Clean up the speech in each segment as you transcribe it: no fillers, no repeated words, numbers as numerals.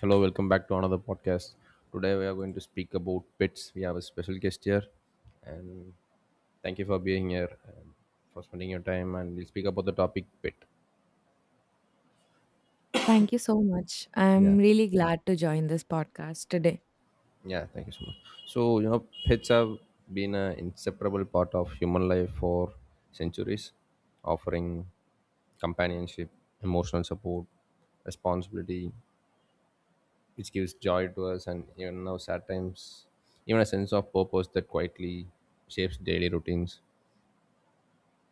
Hello, welcome back to another podcast. Today we are going to speak about pets. We have a special guest here. Thank you for being here, for spending your time, and we'll speak about the topic pet. Thank you so much. Yeah, I'm really glad to join this podcast today. yeah. Thank you so much. So, pets have been an inseparable part of human life for centuries, offering companionship, emotional support, responsibility, which gives joy to us, and even now, sad times, even a sense of purpose that quietly shapes daily routines,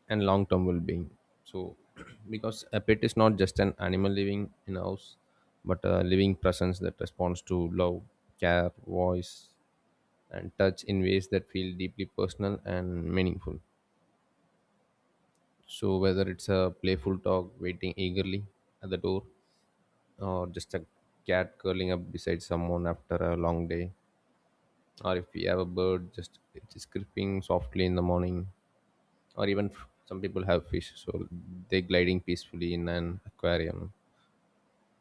and long term well being. So, because a pet is not just an animal living in a house, but a living presence that responds to love, care, voice, and touch in ways that feel deeply personal and meaningful. So, whether it's a playful dog waiting eagerly at the door, or just a cat curling up beside someone after a long day, or if we have a bird just it is creeping softly in the morning, or even some people have fish so they gliding peacefully in an aquarium,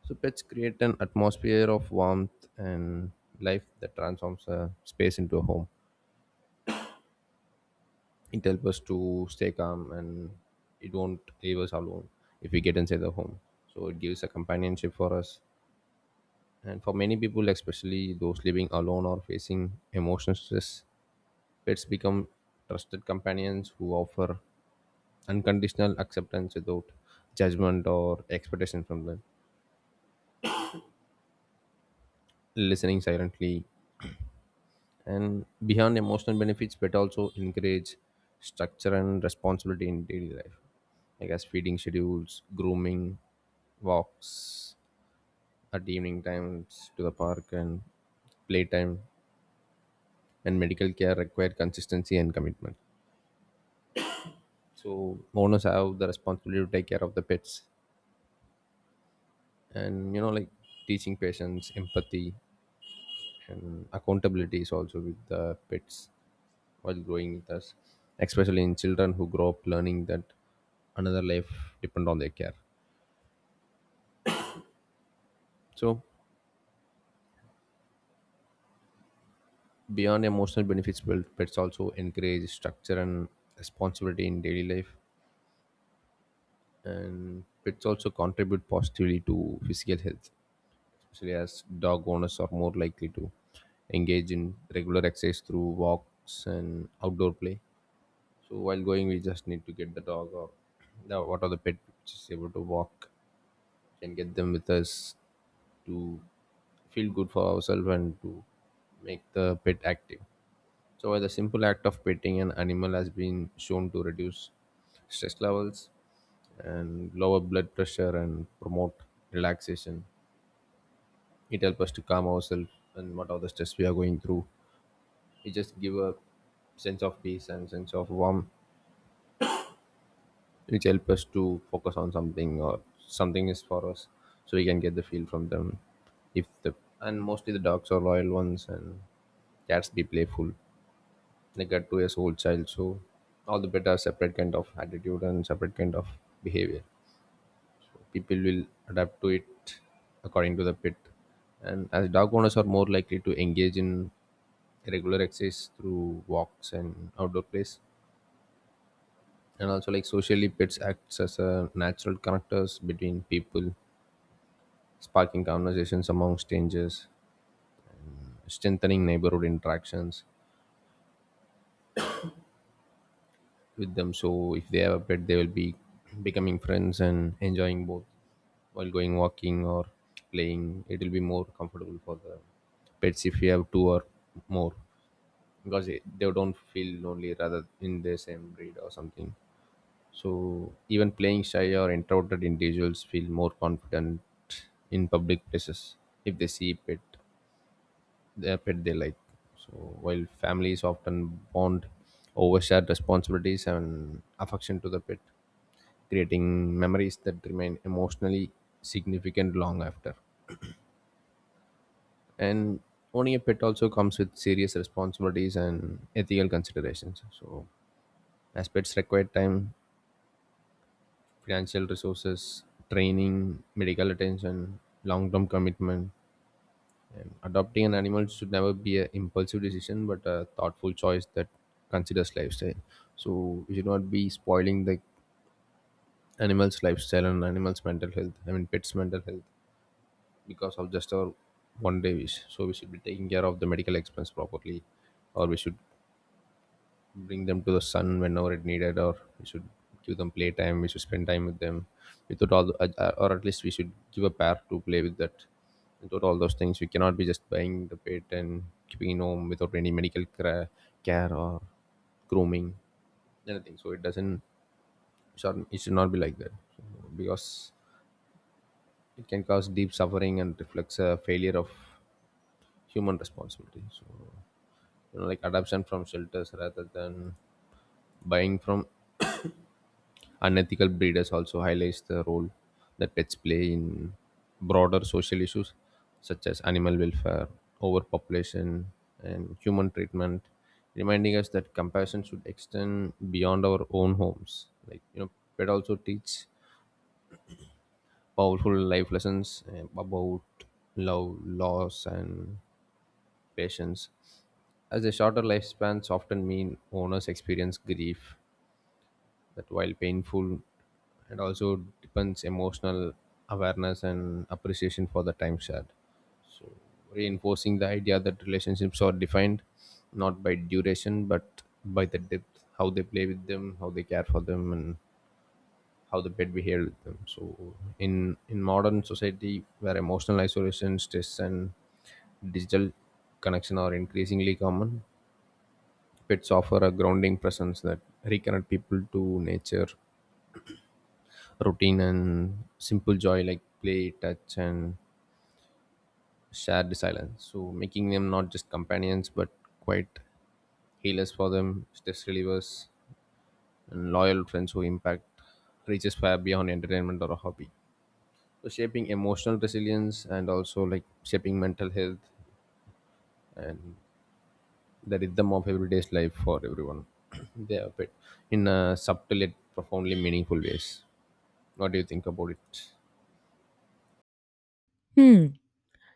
so pets create an atmosphere of warmth and life that transforms a space into a home. It helps us to stay calm, and it won't leave us alone if we get inside the home, so it gives a companionship for us. And for many people, especially those living alone or facing emotional stress, pets become trusted companions who offer unconditional acceptance without judgment or expectation from them, listening silently. And beyond emotional benefits but also encourage structure and responsibility in daily life, like as feeding schedules, grooming, walks at evening times to the park, and playtime and medical care require consistency and commitment. So owners have the responsibility to take care of the pets, and you know, like teaching patients empathy and accountability is also with the pets while growing with us, especially in children who grow up learning that another life depend on their care. So beyond emotional benefits well, pets also encourage structure and responsibility in daily life. And pets also contribute positively to physical health, especially as dog owners are more likely to engage in regular exercise through walks and outdoor play. So while going, we just need to get the dog or the what are the pet which is able to walk and get them with us to feel good for ourselves and to make the pet active. So while the simple act of petting an animal has been shown to reduce stress levels and lower blood pressure and promote relaxation, it helps us to calm ourselves and what are the stress we are going through. It just give a sense of peace and sense of warmth which help us to focus on something or something is for us, so we can get the feel from them. If the, and mostly the dogs are loyal ones and cats be playful, they get to a whole child, so all the better separate kind of attitude and separate kind of behavior people will adapt to it according to the pet. And as dog owners are more likely to engage in regular exercise through walks and outdoor plays, and also like socially pets acts as a natural connectors between people, sparking conversations among strangers, strengthening neighborhood interactions with them. So if they have a pet, they will be becoming friends and enjoying both while going walking or playing. It will be more comfortable for the pets if you have two or more, because they don't feel lonely rather in the same breed or something. So even playing shy or introverted individuals feel more confident in public places if they see a pet, their pet they like. So while families often bond over shared responsibilities and affection to the pet, creating memories that remain emotionally significant long after. And owning a pet also comes with serious responsibilities and ethical considerations. So as pets require time, financial resources, training, medical attention, long-term commitment. Adopting an animal should never be an impulsive decision, but a thoughtful choice that considers lifestyle. So we should not be spoiling the animal's lifestyle and animal's mental health. I mean, pets' mental health because of just our one day wish. So we should be taking care of the medical expense properly, or we should bring them to the sun whenever it needed, or we should give them playtime, we should spend time with them without all the, or at least we should give a pair to play with that. Without all those things we cannot be just buying the pet and keeping it home without any medical care or grooming anything, so it doesn't should, it should not be like that. So because it can cause deep suffering and reflects a failure of human responsibility. So you know, like adoption from shelters rather than buying from unethical breeders also highlights the role that pets play in broader social issues such as animal welfare, overpopulation, and human treatment, reminding us that compassion should extend beyond our own homes. Like you know, pet also teach powerful life lessons about love, loss, and patience, as the shorter lifespans often mean owners experience grief that while painful it also depends emotional awareness and appreciation for the time shared. So reinforcing the idea that relationships are defined not by duration but by the depth, how they play with them, how they care for them, and how the pet behave with them. So in modern society where emotional isolation, stress, and digital connection are increasingly common, pets offer a grounding presence that reconnect people to nature, routine, and simple joy like play, touch, and shared silence. So, making them not just companions but quite healers for them, stress relievers, and loyal friends who impact reaches far beyond entertainment or a hobby. So, shaping emotional resilience and also like shaping mental health and the rhythm of everyday's life for everyone. They are pet in a subtle yet profoundly meaningful ways. What do you think about it? Hmm.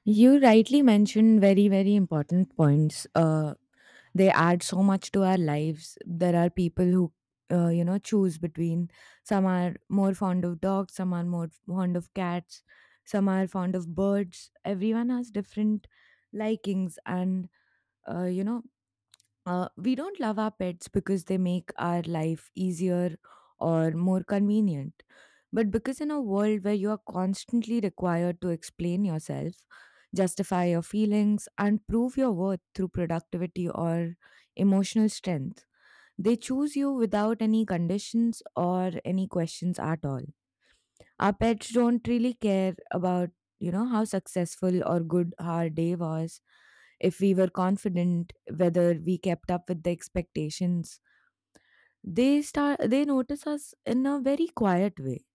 You rightly mentioned very, very important points. They add so much to our lives. There are people who, choose between. Some are more fond of dogs, some are more fond of cats, some are fond of birds. Everyone has different likings and, uh, you know, we don't love our pets because they make our life easier or more convenient. But because in a world where you are constantly required to explain yourself, justify your feelings, and prove your worth through productivity or emotional strength, they choose you without any conditions or any questions at all. Our pets don't really care about, how successful or good our day was, if we were confident, whether we kept up with the expectations. They notice us in a very quiet way.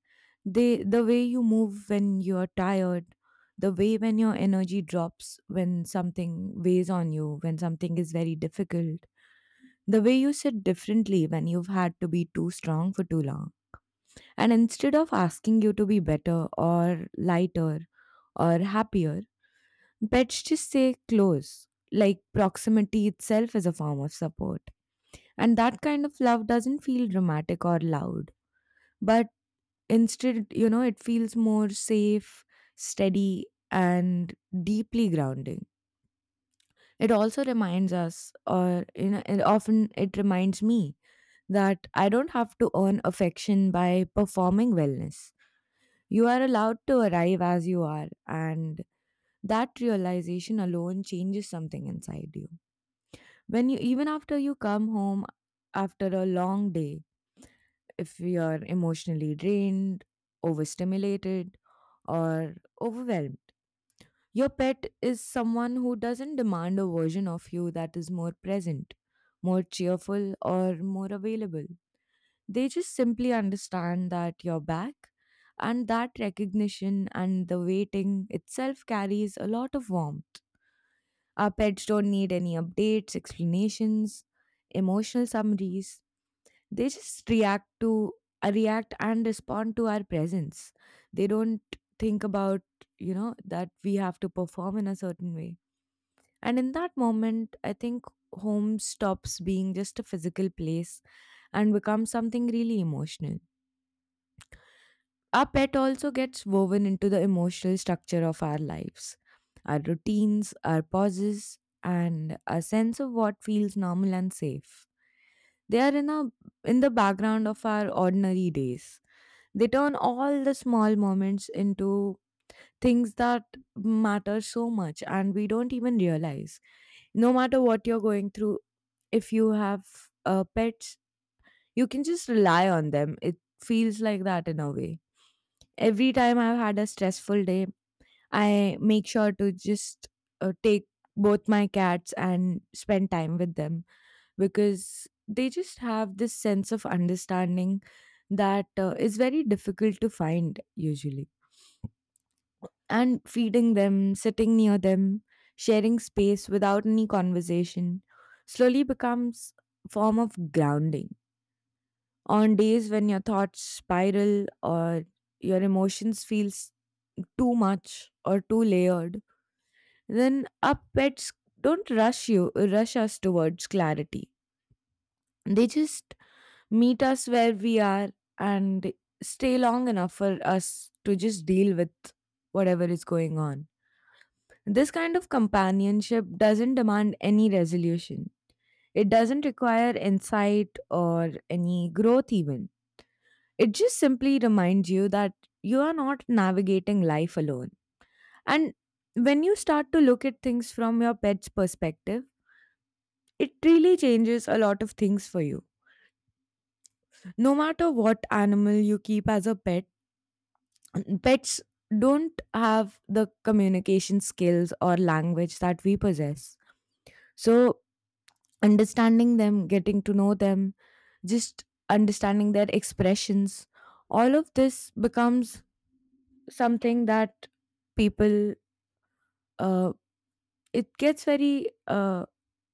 They, the way you move when you are tired, the way when your energy drops when something weighs on you, when something is very difficult, the way you sit differently when you've had to be too strong for too long. And instead of asking you to be better or lighter, or happier, pets just say close, like proximity itself is a form of support. And that kind of love doesn't feel dramatic or loud, but instead, it feels more safe, steady, and deeply grounding. It also reminds us, or and often it reminds me that I don't have to earn affection by performing wellness. You are allowed to arrive as you are, and that realization alone changes something inside you. When you, even after you come home after a long day, if you're emotionally drained, overstimulated, or overwhelmed, your pet is someone who doesn't demand a version of you that is more present, more cheerful, or more available. They just simply understand that you're back, and that recognition and the waiting itself carries a lot of warmth. Our pets don't need any updates, explanations, emotional summaries. They just react and respond to our presence. They don't think about, that we have to perform in a certain way. And in that moment, I think home stops being just a physical place and becomes something really emotional. Our pet also gets woven into the emotional structure of our lives, our routines, our pauses, and a sense of what feels normal and safe. They are in, a, in the background of our ordinary days. They turn all the small moments into things that matter so much, and we don't even realize. No matter what you're going through, if you have pets, you can just rely on them. It feels like that in a way. Every time I've had a stressful day, I make sure to just take both my cats and spend time with them because they just have this sense of understanding that is very difficult to find usually. And feeding them, sitting near them, sharing space without any conversation slowly becomes form of grounding. On days when your thoughts spiral or your emotions feel too much or too layered, then our pets don't rush us towards clarity. They just meet us where we are and stay long enough for us to just deal with whatever is going on. This kind of companionship doesn't demand any resolution. It doesn't require insight or any growth, even. It just simply reminds you that you are not navigating life alone. And when you start to look at things from your pet's perspective, it really changes a lot of things for you. No matter what animal you keep as a pet, pets don't have the communication skills or language that we possess. So, understanding them, getting to know them, just understanding their expressions, all of this becomes something that people uh, it gets very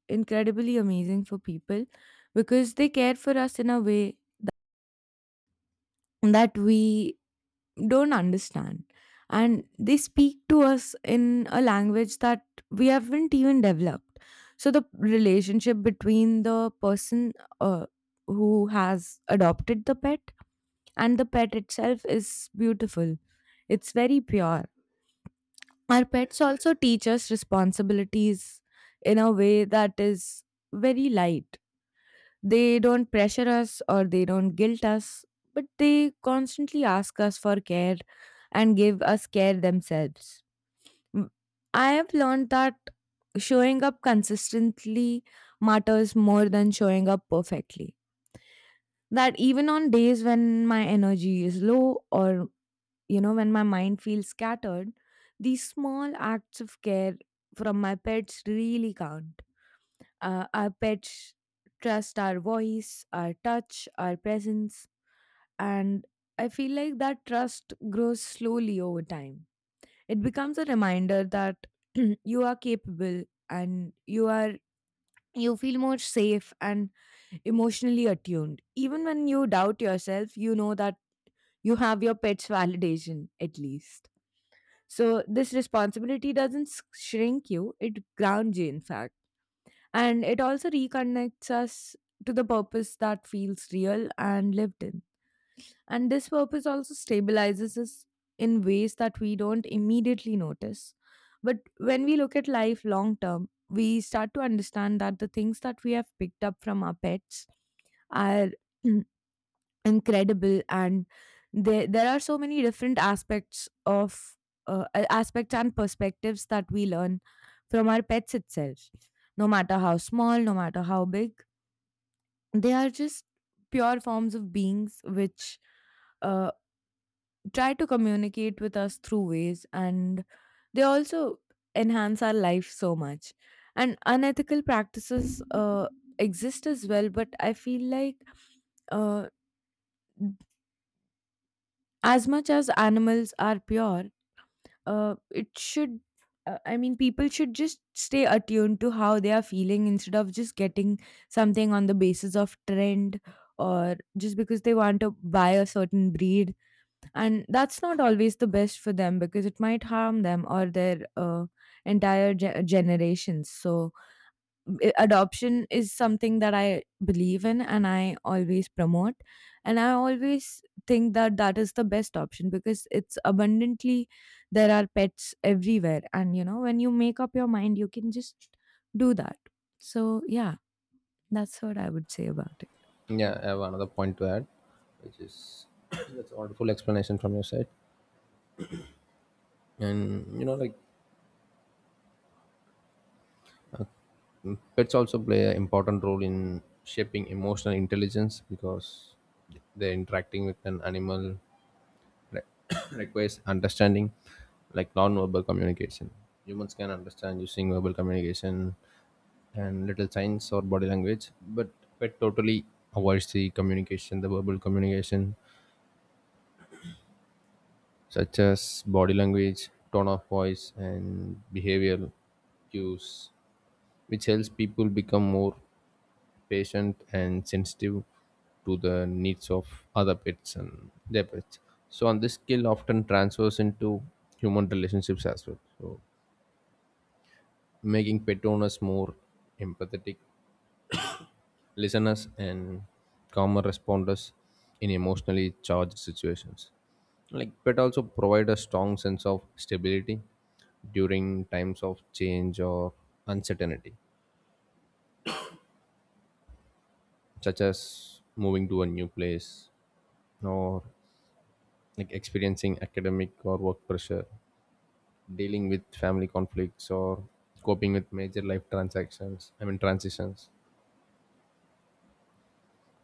incredibly amazing for people, because they care for us in a way that we don't understand, and they speak to us in a language that we haven't even developed. So the relationship between the person uh, who has adopted the pet and the pet itself is beautiful. It's very pure. Our pets also teach us responsibilities in a way that is very light. They don't pressure us or they don't guilt us, but they constantly ask us for care and give us care themselves. M- I have learned that showing up consistently matters more than showing up perfectly. That even on days when my energy is low or when my mind feels scattered, these small acts of care from my pets really count. Our pets trust our voice, our touch, our presence, and I feel like that trust grows slowly over time. It becomes a reminder that you are capable and you feel more safe and emotionally attuned. Even when you doubt yourself, you know that you have your pet's validation at least. So this responsibility doesn't shrink you, it grounds you in fact. And it also reconnects us to the purpose that feels real and lived in. And this purpose also stabilizes us in ways that we don't immediately notice. But when we look at life long term, we start to understand that the things that we have picked up from our pets are incredible, and there are so many different aspects of aspects and perspectives that we learn from our pets itself, no matter how small, no matter how big. They are just pure forms of beings which uh, try to communicate with us through ways, and they also enhance our life so much. And unethical practices exist as well, but I feel like, uh, as much as animals are pure, uh, it should, I mean, people should just stay attuned to how they are feeling instead of just getting something on the basis of trend or just because they want to buy a certain breed. And that's not always the best for them because it might harm them or their entire generations. So, adoption is something that I believe in and I always promote. And I always think that that is the best option because it's abundantly, there are pets everywhere. And, you know, when you make up your mind, you can just do that. So, yeah, that's what I would say about it. Yeah, I have another point to add, which is that's a wonderful explanation from your side. And you know, like pets also play an important role in shaping emotional intelligence because they're interacting with an animal re- requires understanding, like non-verbal communication. Humans can understand using verbal communication and little signs or body language, but pet totally avoids the communication, the verbal communication such as body language, tone of voice, and behavioral cues, which helps people become more patient and sensitive to the needs of other pets and their pets. So, and this skill often transfers into human relationships as well. So, making pet owners more empathetic listeners and calmer responders in emotionally charged situations. Like pet also provide a strong sense of stability during times of change or uncertainty, such as moving to a new place or like experiencing academic or work pressure, dealing with family conflicts or coping with major life transactions, I mean transitions.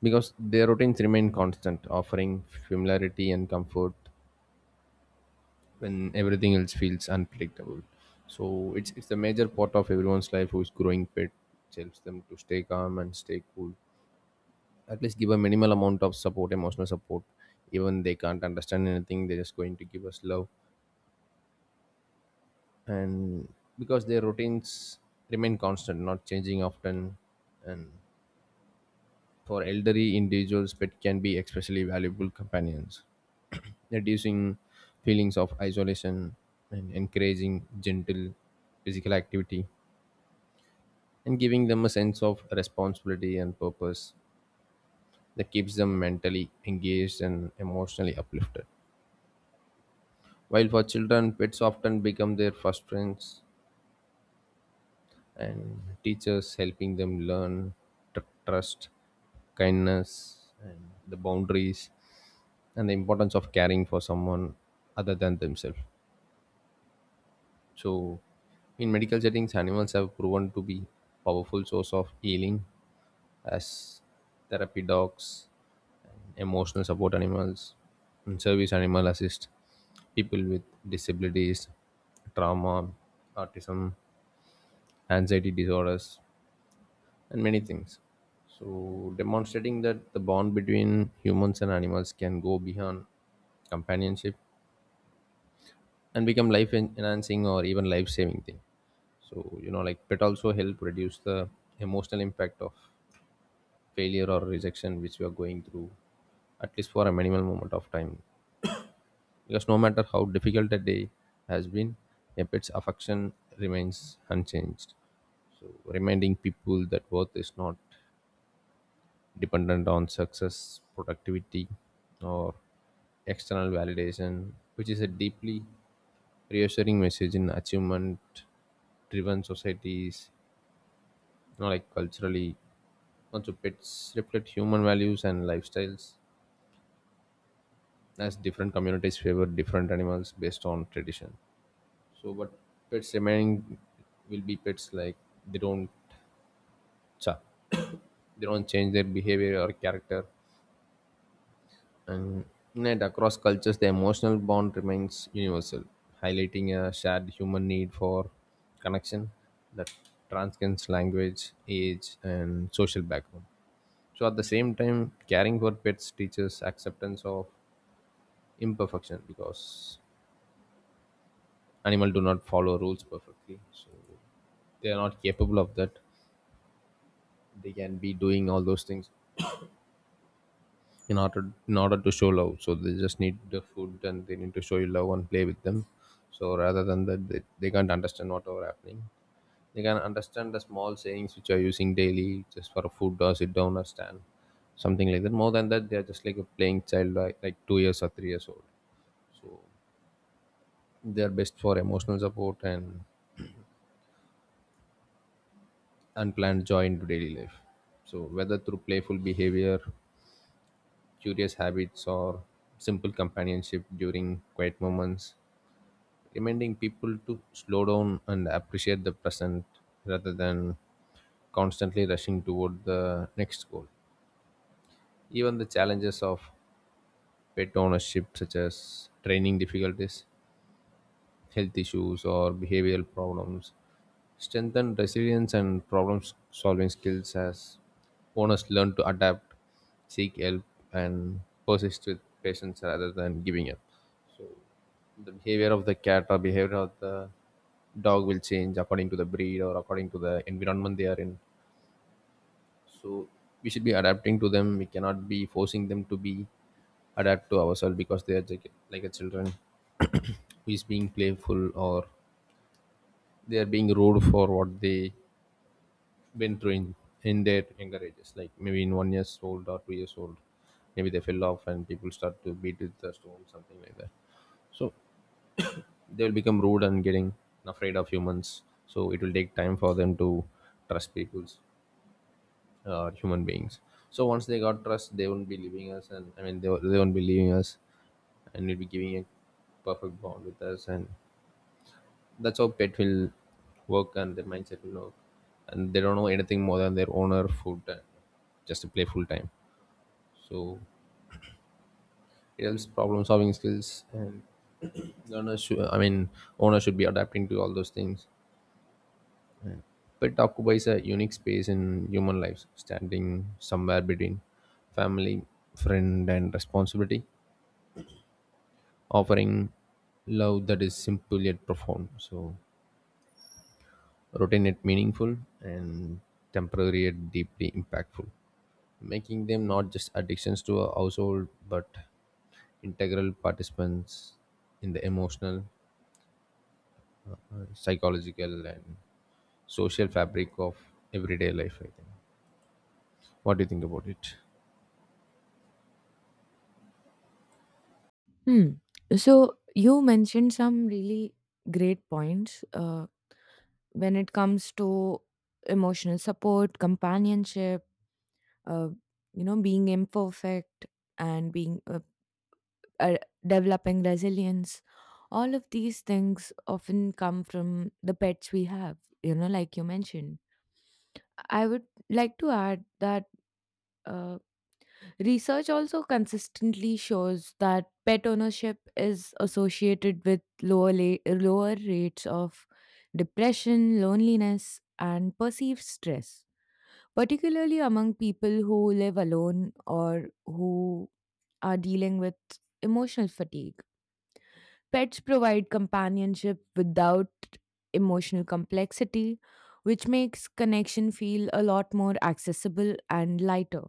Because their routines remain constant, offering familiarity and comfort when everything else feels unpredictable. So it's the major part of everyone's life who is growing pet. It helps them to stay calm and stay cool. At least give a minimal amount of support, emotional support. Even they can't understand anything, they're just going to give us love. And because their routines remain constant, not changing often. And for elderly individuals, pet can be especially valuable companions, reducing feelings of isolation and encouraging gentle physical activity and giving them a sense of responsibility and purpose that keeps them mentally engaged and emotionally uplifted. While for children, pets often become their first friends and teachers, helping them learn trust, kindness, and the boundaries and the importance of caring for someone other than themselves. So, in medical settings, animals have proven to be powerful source of healing as therapy dogs, emotional support animals, and service animal assist people with disabilities, trauma, autism, anxiety disorders, and many things. So, demonstrating that the bond between humans and animals can go beyond companionship and become life enhancing or even life saving thing. So, you know, like pet also help reduce the emotional impact of failure or rejection which we are going through at least for a minimal moment of time, because no matter how difficult a day has been, a pet's affection remains unchanged. So reminding people that worth is not dependent on success, productivity, or external validation, which is a deeply reassuring message in achievement driven societies. You know, like culturally also pets reflect human values and lifestyles as different communities favor different animals based on tradition. So, but pets remaining will be pets, like they don't cha- they don't change their behavior or character, and yet across cultures the emotional bond remains universal, highlighting a shared human need for connection that transcends language, age, and social background. So at the same time, caring for pets teaches acceptance of imperfection because animal do not follow rules perfectly, so they are not capable of that. They can be doing all those things in order in order to show love, so they just need the food and they need to show you love and play with them. So rather than that, they can't understand whatever happening. They can understand the small sayings which are using daily just for food or sit down or stand, something like that. More than that, they are just like a playing child, like 2 years or 3 years old. So they are best for emotional support and unplanned joy into daily life. So, whether through playful behavior, curious habits, or simple companionship during quiet moments, reminding people to slow down and appreciate the present rather than constantly rushing toward the next goal. Even the challenges of pet ownership, such as training difficulties, health issues, or behavioral problems, strengthen resilience and problem solving skills as owners learn to adapt, seek help, and persist with patience rather than giving up. So, the behavior of the cat or behavior of the dog will change according to the breed or according to the environment they are in. So, we should be adapting to them. We cannot be forcing them to be adapt to ourselves because they are like a children who is being playful, or they are being rude for what they been through in their younger ages, like maybe in 1 years old or 2 years old. Maybe they fell off and people start to beat with the stone, something like that. So they will become rude and getting afraid of humans. So it will take time for them to trust people's human beings. So once they got trust, they won't be leaving us, and I mean they won't be leaving us, and we'll be giving a perfect bond with us. And that's how pet will work and their mindset will work, and they don't know anything more than their owner food and just to play full time. So it helps problem solving skills and owner should, i mean owner should be adapting to all those things. Pet occupies a unique space in human lives standing somewhere between family, friend, and responsibility, offering love that is simple yet profound, so routine yet meaningful, and temporary yet deeply impactful, making them not just addictions to a household but integral participants in the emotional, psychological, and social fabric of everyday life, I think. What do you think about it? Hmm. So you mentioned some really great points when it comes to emotional support, companionship, uh, being imperfect and being uh, developing resilience. All of these things often come from the pets we have. You know, like you mentioned, I would like to add that uh, research also consistently shows that pet ownership is associated with lower rates of depression, loneliness, and perceived stress, particularly among people who live alone or who are dealing with emotional fatigue. Pets provide companionship without emotional complexity, which makes connection feel a lot more accessible and lighter.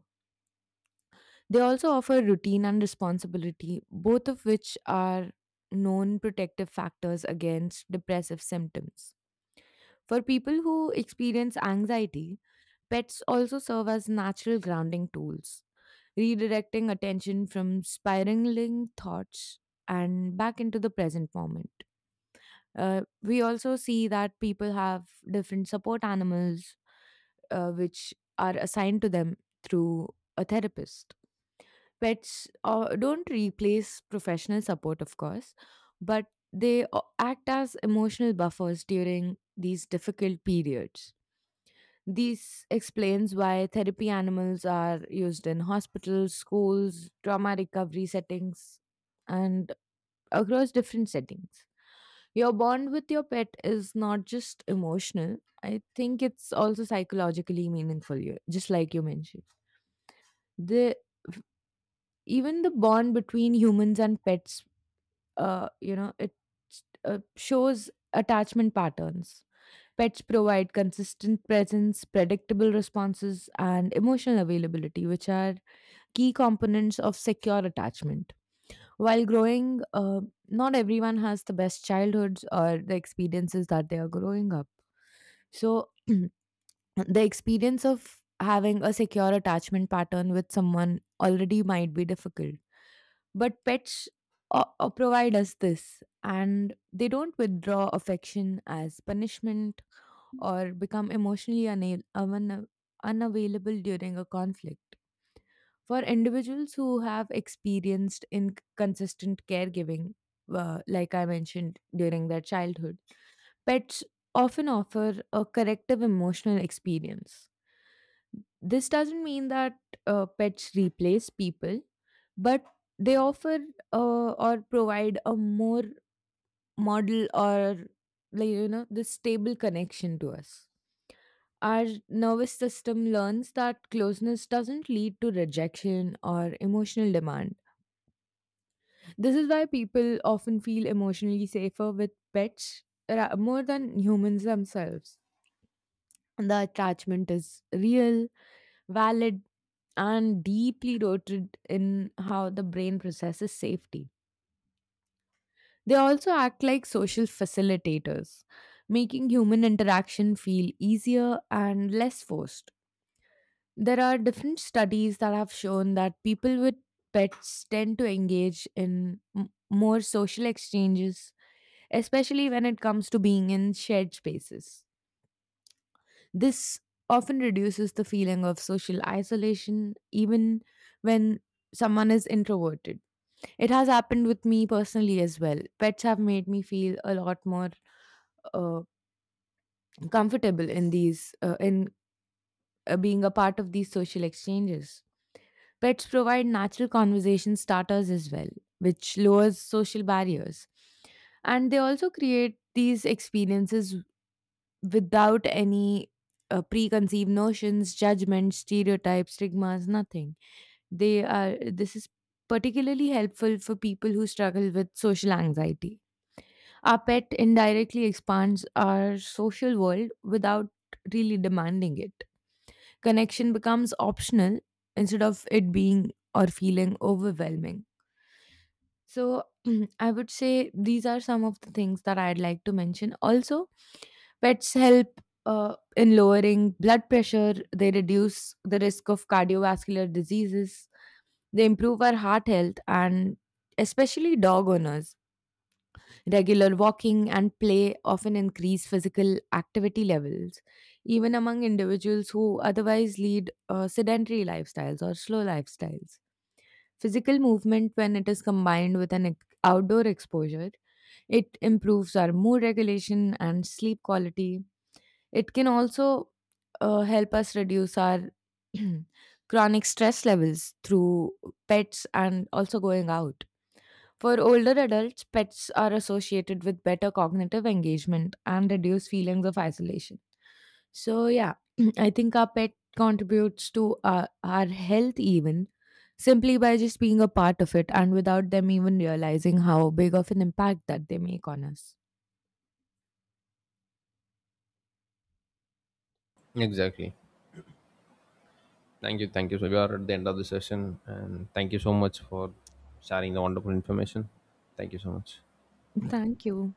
They also offer routine and responsibility, both of which are known protective factors against depressive symptoms. For people who experience anxiety, pets also serve as natural grounding tools, redirecting attention from spiraling thoughts and back into the present moment. We also see that people have different support animals which are assigned to them through a therapist. Pets don't replace professional support, of course, but they act as emotional buffers during these difficult periods. This explains why therapy animals are used in hospitals, schools, trauma recovery settings, and across different settings. Your bond with your pet is not just emotional, I think it's also psychologically meaningful, you- just like you mentioned. The even the bond between humans and pets, you know, it shows attachment patterns. Pets provide consistent presence, predictable responses, and emotional availability, which are key components of secure attachment. While growing, not everyone has the best childhoods or the experiences that they are growing up. So, the experience of having a secure attachment pattern with someone already might be difficult. But pets provide us this, and they don't withdraw affection as punishment or become emotionally unavailable during a conflict. For individuals who have experienced inconsistent caregiving, like I mentioned during their childhood, pets often offer a corrective emotional experience. This doesn't mean that pets replace people, but they offer or provide a more model or the stable connection to us. Our nervous system learns that closeness doesn't lead to rejection or emotional demand. This is why people often feel emotionally safer with pets more than humans themselves. The attachment is real, valid, and deeply rooted in how the brain processes safety. They also act like social facilitators, making human interaction feel easier and less forced. There are different studies that have shown that people with pets tend to engage in more social exchanges, especially when it comes to being in shared spaces. This often reduces the feeling of social isolation, even when someone is introverted. It has happened with me personally as well. Pets have made me feel a lot more uh, comfortable in these, in being a part of these social exchanges. Pets provide natural conversation starters as well, which lowers social barriers. And they also create these experiences without any preconceived notions, judgments, stereotypes, stigmas, nothing. They are this is particularly helpful for people who struggle with social anxiety. Our pet indirectly expands our social world without really demanding it. Connection becomes optional instead of it being or feeling overwhelming. So, I would say these are some of the things that I'd like to mention. Also, pets help in lowering blood pressure, they reduce the risk of cardiovascular diseases, they improve our heart health, and especially dog owners. Regular walking and play often increase physical activity levels, even among individuals who otherwise lead sedentary lifestyles or slow lifestyles. Physical movement, when it is combined with an outdoor exposure, it improves our mood regulation and sleep quality. It can also help us reduce our chronic stress levels through pets and also going out. For older adults, pets are associated with better cognitive engagement and reduced feelings of isolation. So, yeah, I think our pet contributes to our health even simply by just being a part of it and without them even realizing how big of an impact that they make on us. Exactly. Thank you. Thank you. So we are at the end of the session, and thank you so much for sharing the wonderful information. Thank you so much. Thank you.